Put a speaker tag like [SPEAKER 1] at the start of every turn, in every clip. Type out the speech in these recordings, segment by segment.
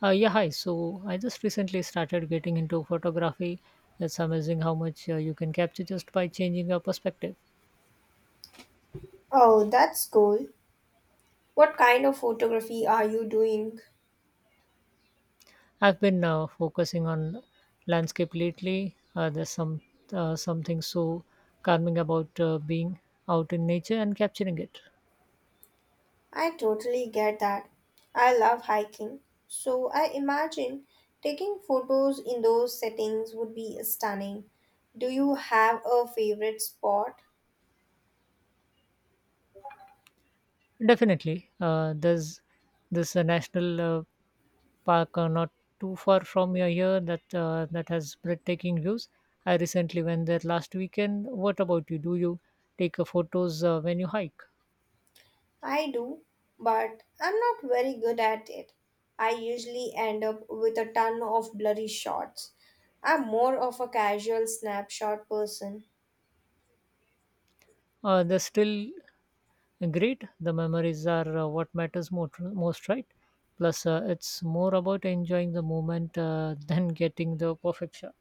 [SPEAKER 1] Yeah, hi. So I just recently started getting into photography. It's amazing how much you can capture just by changing your perspective.
[SPEAKER 2] Oh, that's cool. What kind of photography are you doing?
[SPEAKER 1] I've been focusing on landscape lately. There's some Something so calming about being out in nature and capturing it.
[SPEAKER 2] I totally get that. I love hiking. So I imagine taking photos in those settings would be stunning. Do you have a favorite spot?
[SPEAKER 1] Definitely, there's this national park not too far from your here that has breathtaking views. I recently went there last weekend. What about you? Do you take photos when you hike?
[SPEAKER 2] I do, but I'm not very good at it. I usually end up with a ton of blurry shots. I'm more of a casual snapshot person.
[SPEAKER 1] They're still great. The memories are what matters most, right? Plus, it's more about enjoying the moment than getting the perfect shot.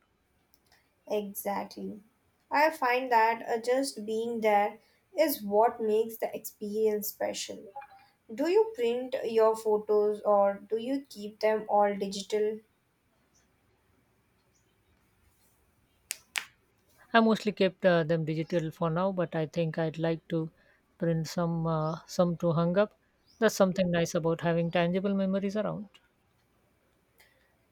[SPEAKER 2] Exactly. I find that just being there is what makes the experience special. Do you print your photos or do you keep them all digital?
[SPEAKER 1] I mostly kept them digital for now, but I think I'd like to print some to hang up. That's something nice about having tangible memories around.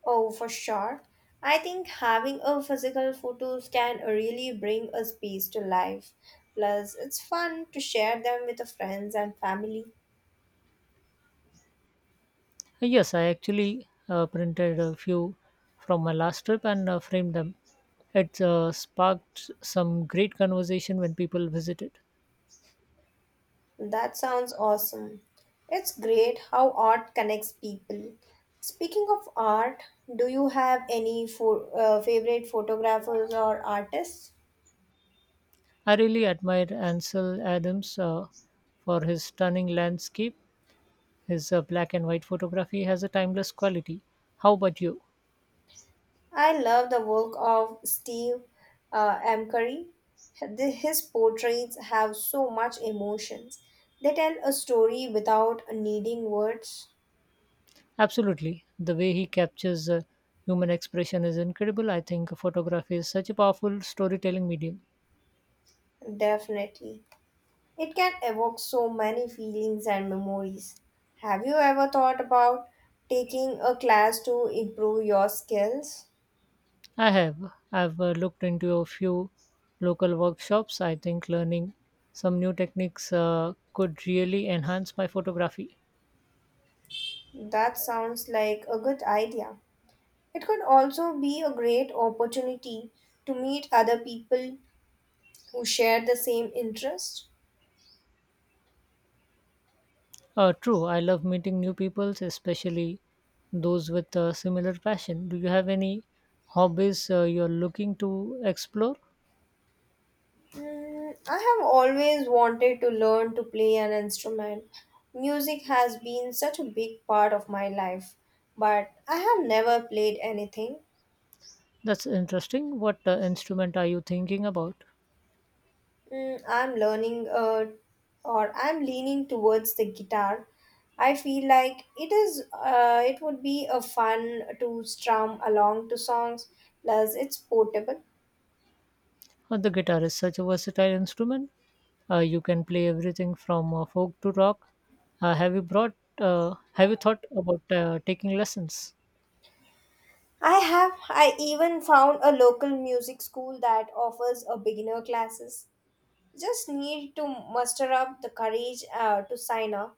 [SPEAKER 2] Oh, for sure. I think having a physical photos can really bring a space to life. Plus, it's fun to share them with the friends and family.
[SPEAKER 1] Yes, I actually printed a few from my last trip and framed them. It sparked some great conversation when people visited.
[SPEAKER 2] That sounds awesome. It's great how art connects people. Speaking of art, do you have any favorite photographers or artists?
[SPEAKER 1] I really admired Ansel Adams for his stunning landscape. His black and white photography has a timeless quality. How about you?
[SPEAKER 2] I love the work of Steve M. Curry. His portraits have so much emotions. They tell a story without needing words.
[SPEAKER 1] Absolutely. The way he captures human expression is incredible. I think photography is such a powerful storytelling medium.
[SPEAKER 2] Definitely. It can evoke so many feelings and memories. Have you ever thought about taking a class to improve your skills?
[SPEAKER 1] I have. I've looked into a few local workshops. I think learning some new techniques could really enhance my photography.
[SPEAKER 2] That sounds like a good idea. It could also be a great opportunity to meet other people who share the same interest.
[SPEAKER 1] True, I love meeting new people, especially those with a similar passion. Do you have any hobbies you're looking to explore?
[SPEAKER 2] Mm, I have always wanted to learn to play an instrument. Music has been such a big part of my life, but I have never played anything.
[SPEAKER 1] That's interesting. What instrument are you thinking about?
[SPEAKER 2] Mm, I'm learning or I'm leaning towards the guitar. I feel like it would be a fun to strum along to songs plus it's portable.
[SPEAKER 1] The guitar is such a versatile instrument. You can play everything from folk to rock. Have you brought? Have you thought about taking lessons?
[SPEAKER 2] I even found a local music school that offers a beginner classes. Just need to muster up the courage to sign up.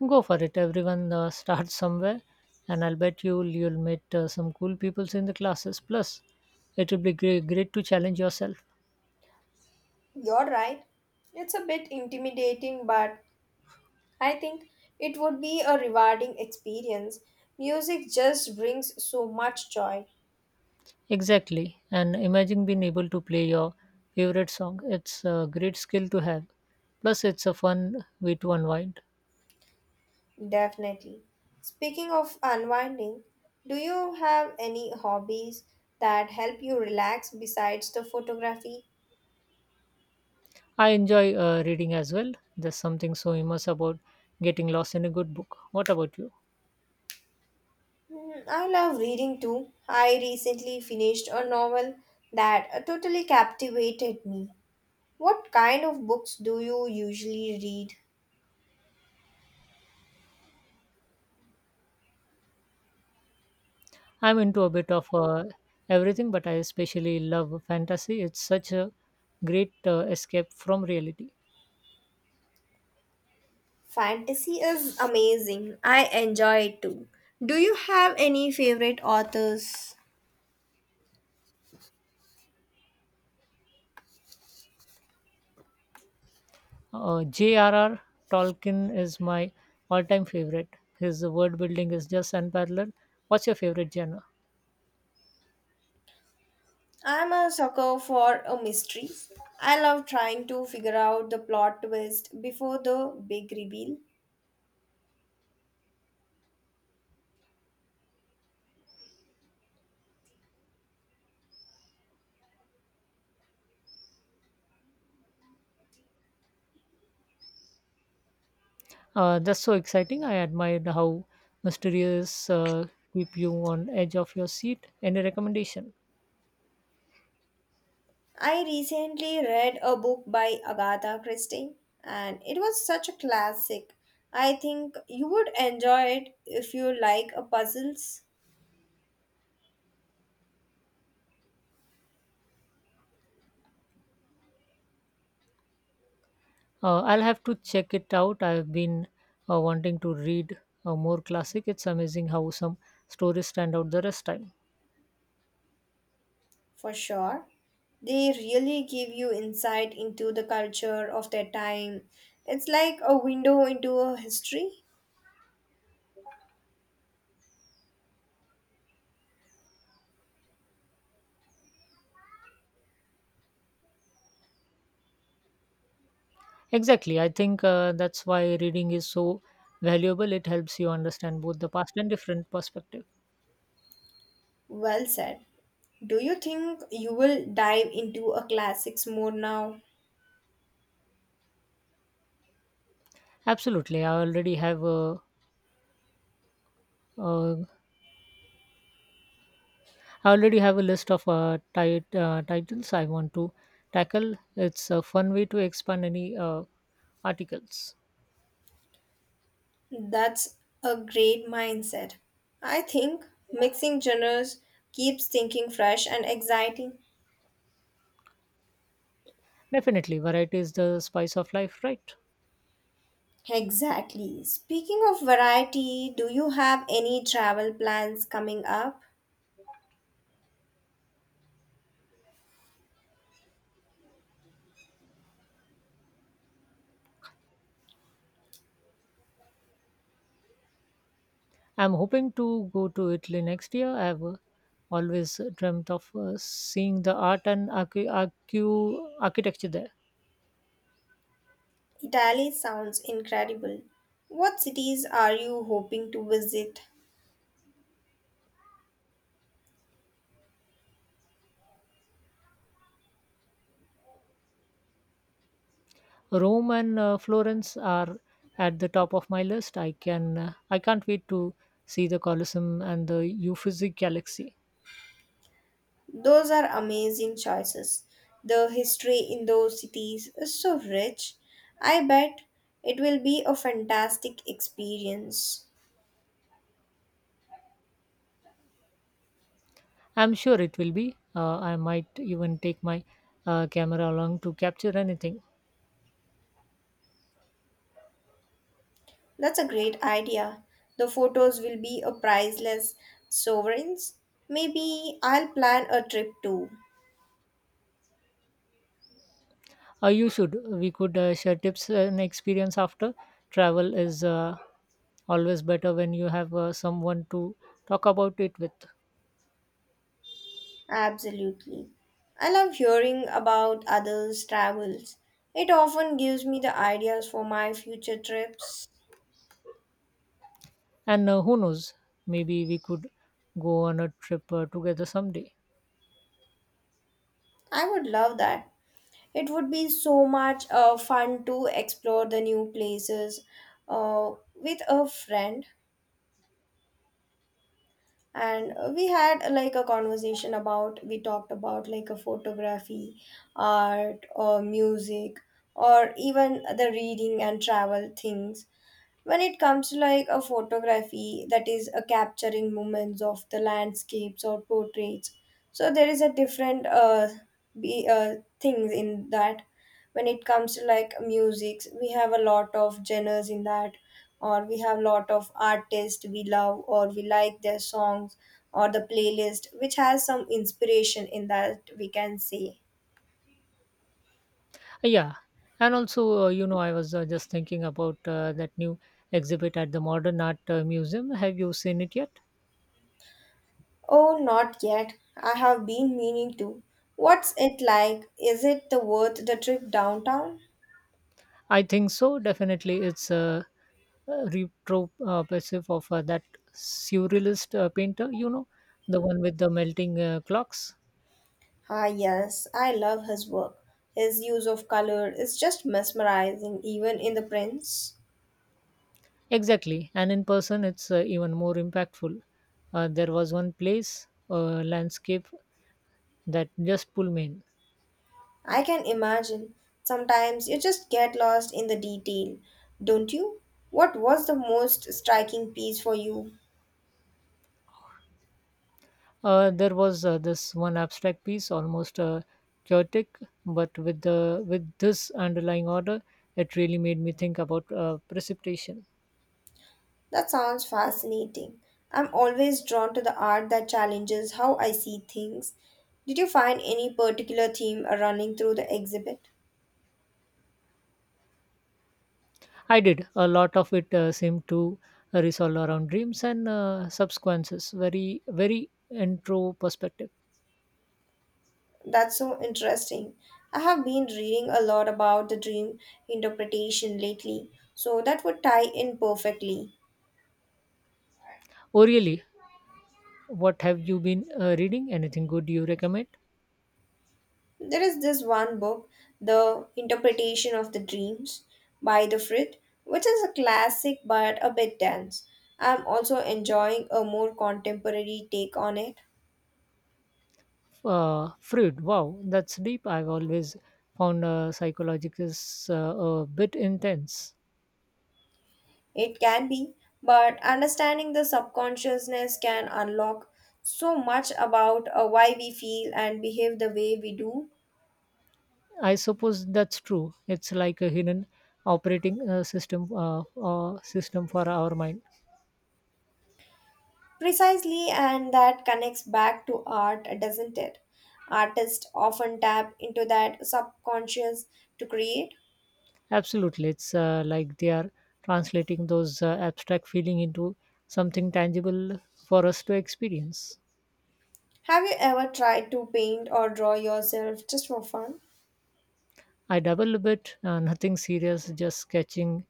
[SPEAKER 1] Go for it. Everyone starts somewhere, and I'll bet you'll meet some cool people in the classes. Plus, it will be great to challenge yourself.
[SPEAKER 2] You're right. It's a bit intimidating but I think it would be a rewarding experience. Music just brings so much joy,
[SPEAKER 1] Exactly, and imagine being able to play your favorite song. It's a great skill to have. Plus, it's a fun way to unwind.
[SPEAKER 2] definitely. Speaking of unwinding, do you have any hobbies that help you relax besides the photography?
[SPEAKER 1] I enjoy reading as well. There's something so immense about getting lost in a good book. What about you?
[SPEAKER 2] Mm, I love reading too. I recently finished a novel that totally captivated me. What kind of books do you usually read?
[SPEAKER 1] I'm into a bit of everything, but I especially love fantasy. It's such a great escape from reality.
[SPEAKER 2] Fantasy is amazing. I enjoy it too. Do you have any favorite authors?
[SPEAKER 1] J.R.R. Tolkien is my all time favorite. His word building is just unparalleled. What's your favorite genre?
[SPEAKER 2] I'm a sucker for a mystery. I love trying to figure out the plot twist before the big reveal.
[SPEAKER 1] That's so exciting. I admired how mysterious keep you on edge of your seat. Any recommendation?
[SPEAKER 2] I recently read a book by Agatha Christie, and it was such a classic. I think you would enjoy it if you like a puzzles.
[SPEAKER 1] I'll have to check it out. I've been wanting to read more classic. It's amazing how some stories stand out the rest time.
[SPEAKER 2] For sure. They really give you insight into the culture of their time. It's like a window into a history.
[SPEAKER 1] Exactly. I think that's why reading is so valuable. It helps you understand both the past and different perspective.
[SPEAKER 2] Well said. Do you think you will dive into a classics more now?
[SPEAKER 1] Absolutely. Uh, I already have a list of titles I want to tackle. It's a fun way to expand any articles.
[SPEAKER 2] That's a great mindset. I think mixing genres keeps thinking fresh and exciting.
[SPEAKER 1] Definitely, variety is the spice of life, right?
[SPEAKER 2] Exactly. Speaking of variety, do you have any travel plans coming up?
[SPEAKER 1] I'm hoping to go to Italy next year. I've always dreamt of seeing the art and architecture there.
[SPEAKER 2] Italy sounds incredible. What cities are you hoping to visit?
[SPEAKER 1] Rome and Florence are at the top of my list. I can't wait to see the Colosseum and the Uffizi Galaxy.
[SPEAKER 2] Those are amazing choices. The history in those cities is so rich. I bet it will be a fantastic experience.
[SPEAKER 1] I'm sure it will be. I might even take my camera along to capture anything.
[SPEAKER 2] That's a great idea. The photos will be a priceless sovereigns. Maybe I'll plan a trip too.
[SPEAKER 1] You should. We could share tips and experience after. Travel is always better when you have someone to talk about it with.
[SPEAKER 2] Absolutely. I love hearing about others' travels. It often gives me the ideas for my future trips.
[SPEAKER 1] And who knows, maybe we could go on a trip together someday.
[SPEAKER 2] I would love that. It would be so much fun to explore the new places with a friend. And we had like a conversation about, we talked about like a photography, art, or music, or even the reading and travel things. When it comes to like a photography, that is a capturing moments of the landscapes or portraits, so there is a different things in that. When it comes to like music, we have a lot of genres in that, or we have a lot of artists we love or we like their songs, or the playlist which has some inspiration in that, we can say.
[SPEAKER 1] Yeah. And also, I was just thinking about that new exhibit at the Modern Art Museum. Have you seen it yet?
[SPEAKER 2] Oh, not yet. I have been meaning to. What's it like? Is it the worth the trip downtown?
[SPEAKER 1] I think so, definitely. It's retro passive of that surrealist painter, you know, the one with the melting clocks.
[SPEAKER 2] Ah, yes, I love his work. His use of color is just mesmerizing, even in the prints.
[SPEAKER 1] Exactly, and in person it's even more impactful. There was one place, landscape, that just pulled me in.
[SPEAKER 2] I can imagine. Sometimes you just get lost in the detail, don't you? What was the most striking piece for you?
[SPEAKER 1] There was This one abstract piece, almost chaotic but with this underlying order. It really made me think about precipitation.
[SPEAKER 2] That sounds fascinating. I'm always drawn to the art that challenges how I see things. Did you find any particular theme running through the exhibit?
[SPEAKER 1] I did. A lot of it seemed to resolve around dreams and subsequences. Very, very intro perspective.
[SPEAKER 2] That's so interesting. I have been reading a lot about the dream interpretation lately, so that would tie in perfectly.
[SPEAKER 1] Orially, what have you been reading? Anything good you recommend?
[SPEAKER 2] There is this one book, The Interpretation of the Dreams by the Frit, which is a classic but a bit dense. I'm also enjoying a more contemporary take on it.
[SPEAKER 1] Freud. Wow, that's deep. I've always found psychological a bit intense.
[SPEAKER 2] It can be, but understanding the subconsciousness can unlock so much about why we feel and behave the way we do.
[SPEAKER 1] I suppose that's true. It's like a hidden operating system for our mind.
[SPEAKER 2] Precisely, and that connects back to art, doesn't it? Artists often tap into that subconscious to create.
[SPEAKER 1] Absolutely. It's like they are translating those abstract feeling into something tangible for us to experience.
[SPEAKER 2] Have you ever tried to paint or draw yourself just for fun?
[SPEAKER 1] I dabble a bit, nothing serious, just sketching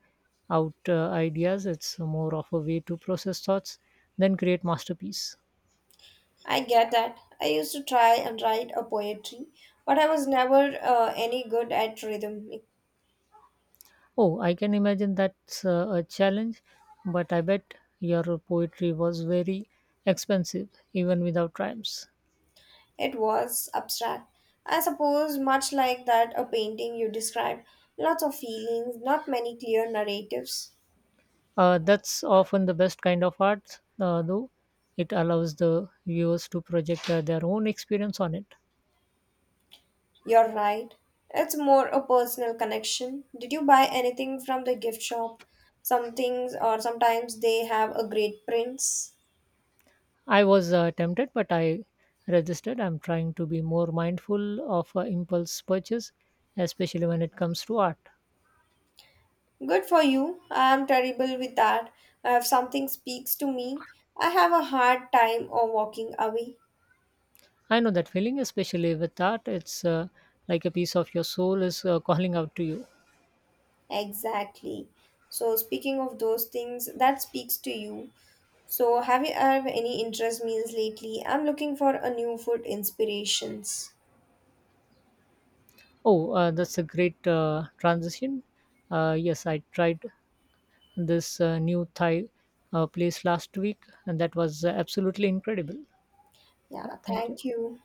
[SPEAKER 1] out ideas. It's more of a way to process thoughts than create masterpiece.
[SPEAKER 2] I get that. I used to try and write a poetry, but I was never any good at rhythm.
[SPEAKER 1] Oh, I can imagine that's a challenge, but I bet your poetry was very expensive even without rhymes.
[SPEAKER 2] It was abstract. I suppose, much like that a painting you described, lots of feelings, not many clear narratives.
[SPEAKER 1] That's often the best kind of art, though. It allows the viewers to project their own experience on it.
[SPEAKER 2] You're right. It's more a personal connection. Did you buy anything from the gift shop? Some things, or sometimes they have a great prints.
[SPEAKER 1] I was tempted, but I resisted. I'm trying to be more mindful of impulse purchase, especially when it comes to art.
[SPEAKER 2] Good for you. I am terrible with that. If something speaks to me, I have a hard time of walking away.
[SPEAKER 1] I know that feeling, especially with art. It's like a piece of your soul is calling out to you.
[SPEAKER 2] Exactly. So, speaking of those things that speaks to you, so, have you have any interest meals lately? I'm looking for a new food inspirations.
[SPEAKER 1] Oh, that's a great transition. Yes, I tried this new Thai place last week, and that was absolutely incredible. Yeah,
[SPEAKER 2] Yeah,
[SPEAKER 1] thank you.
[SPEAKER 2] thank you.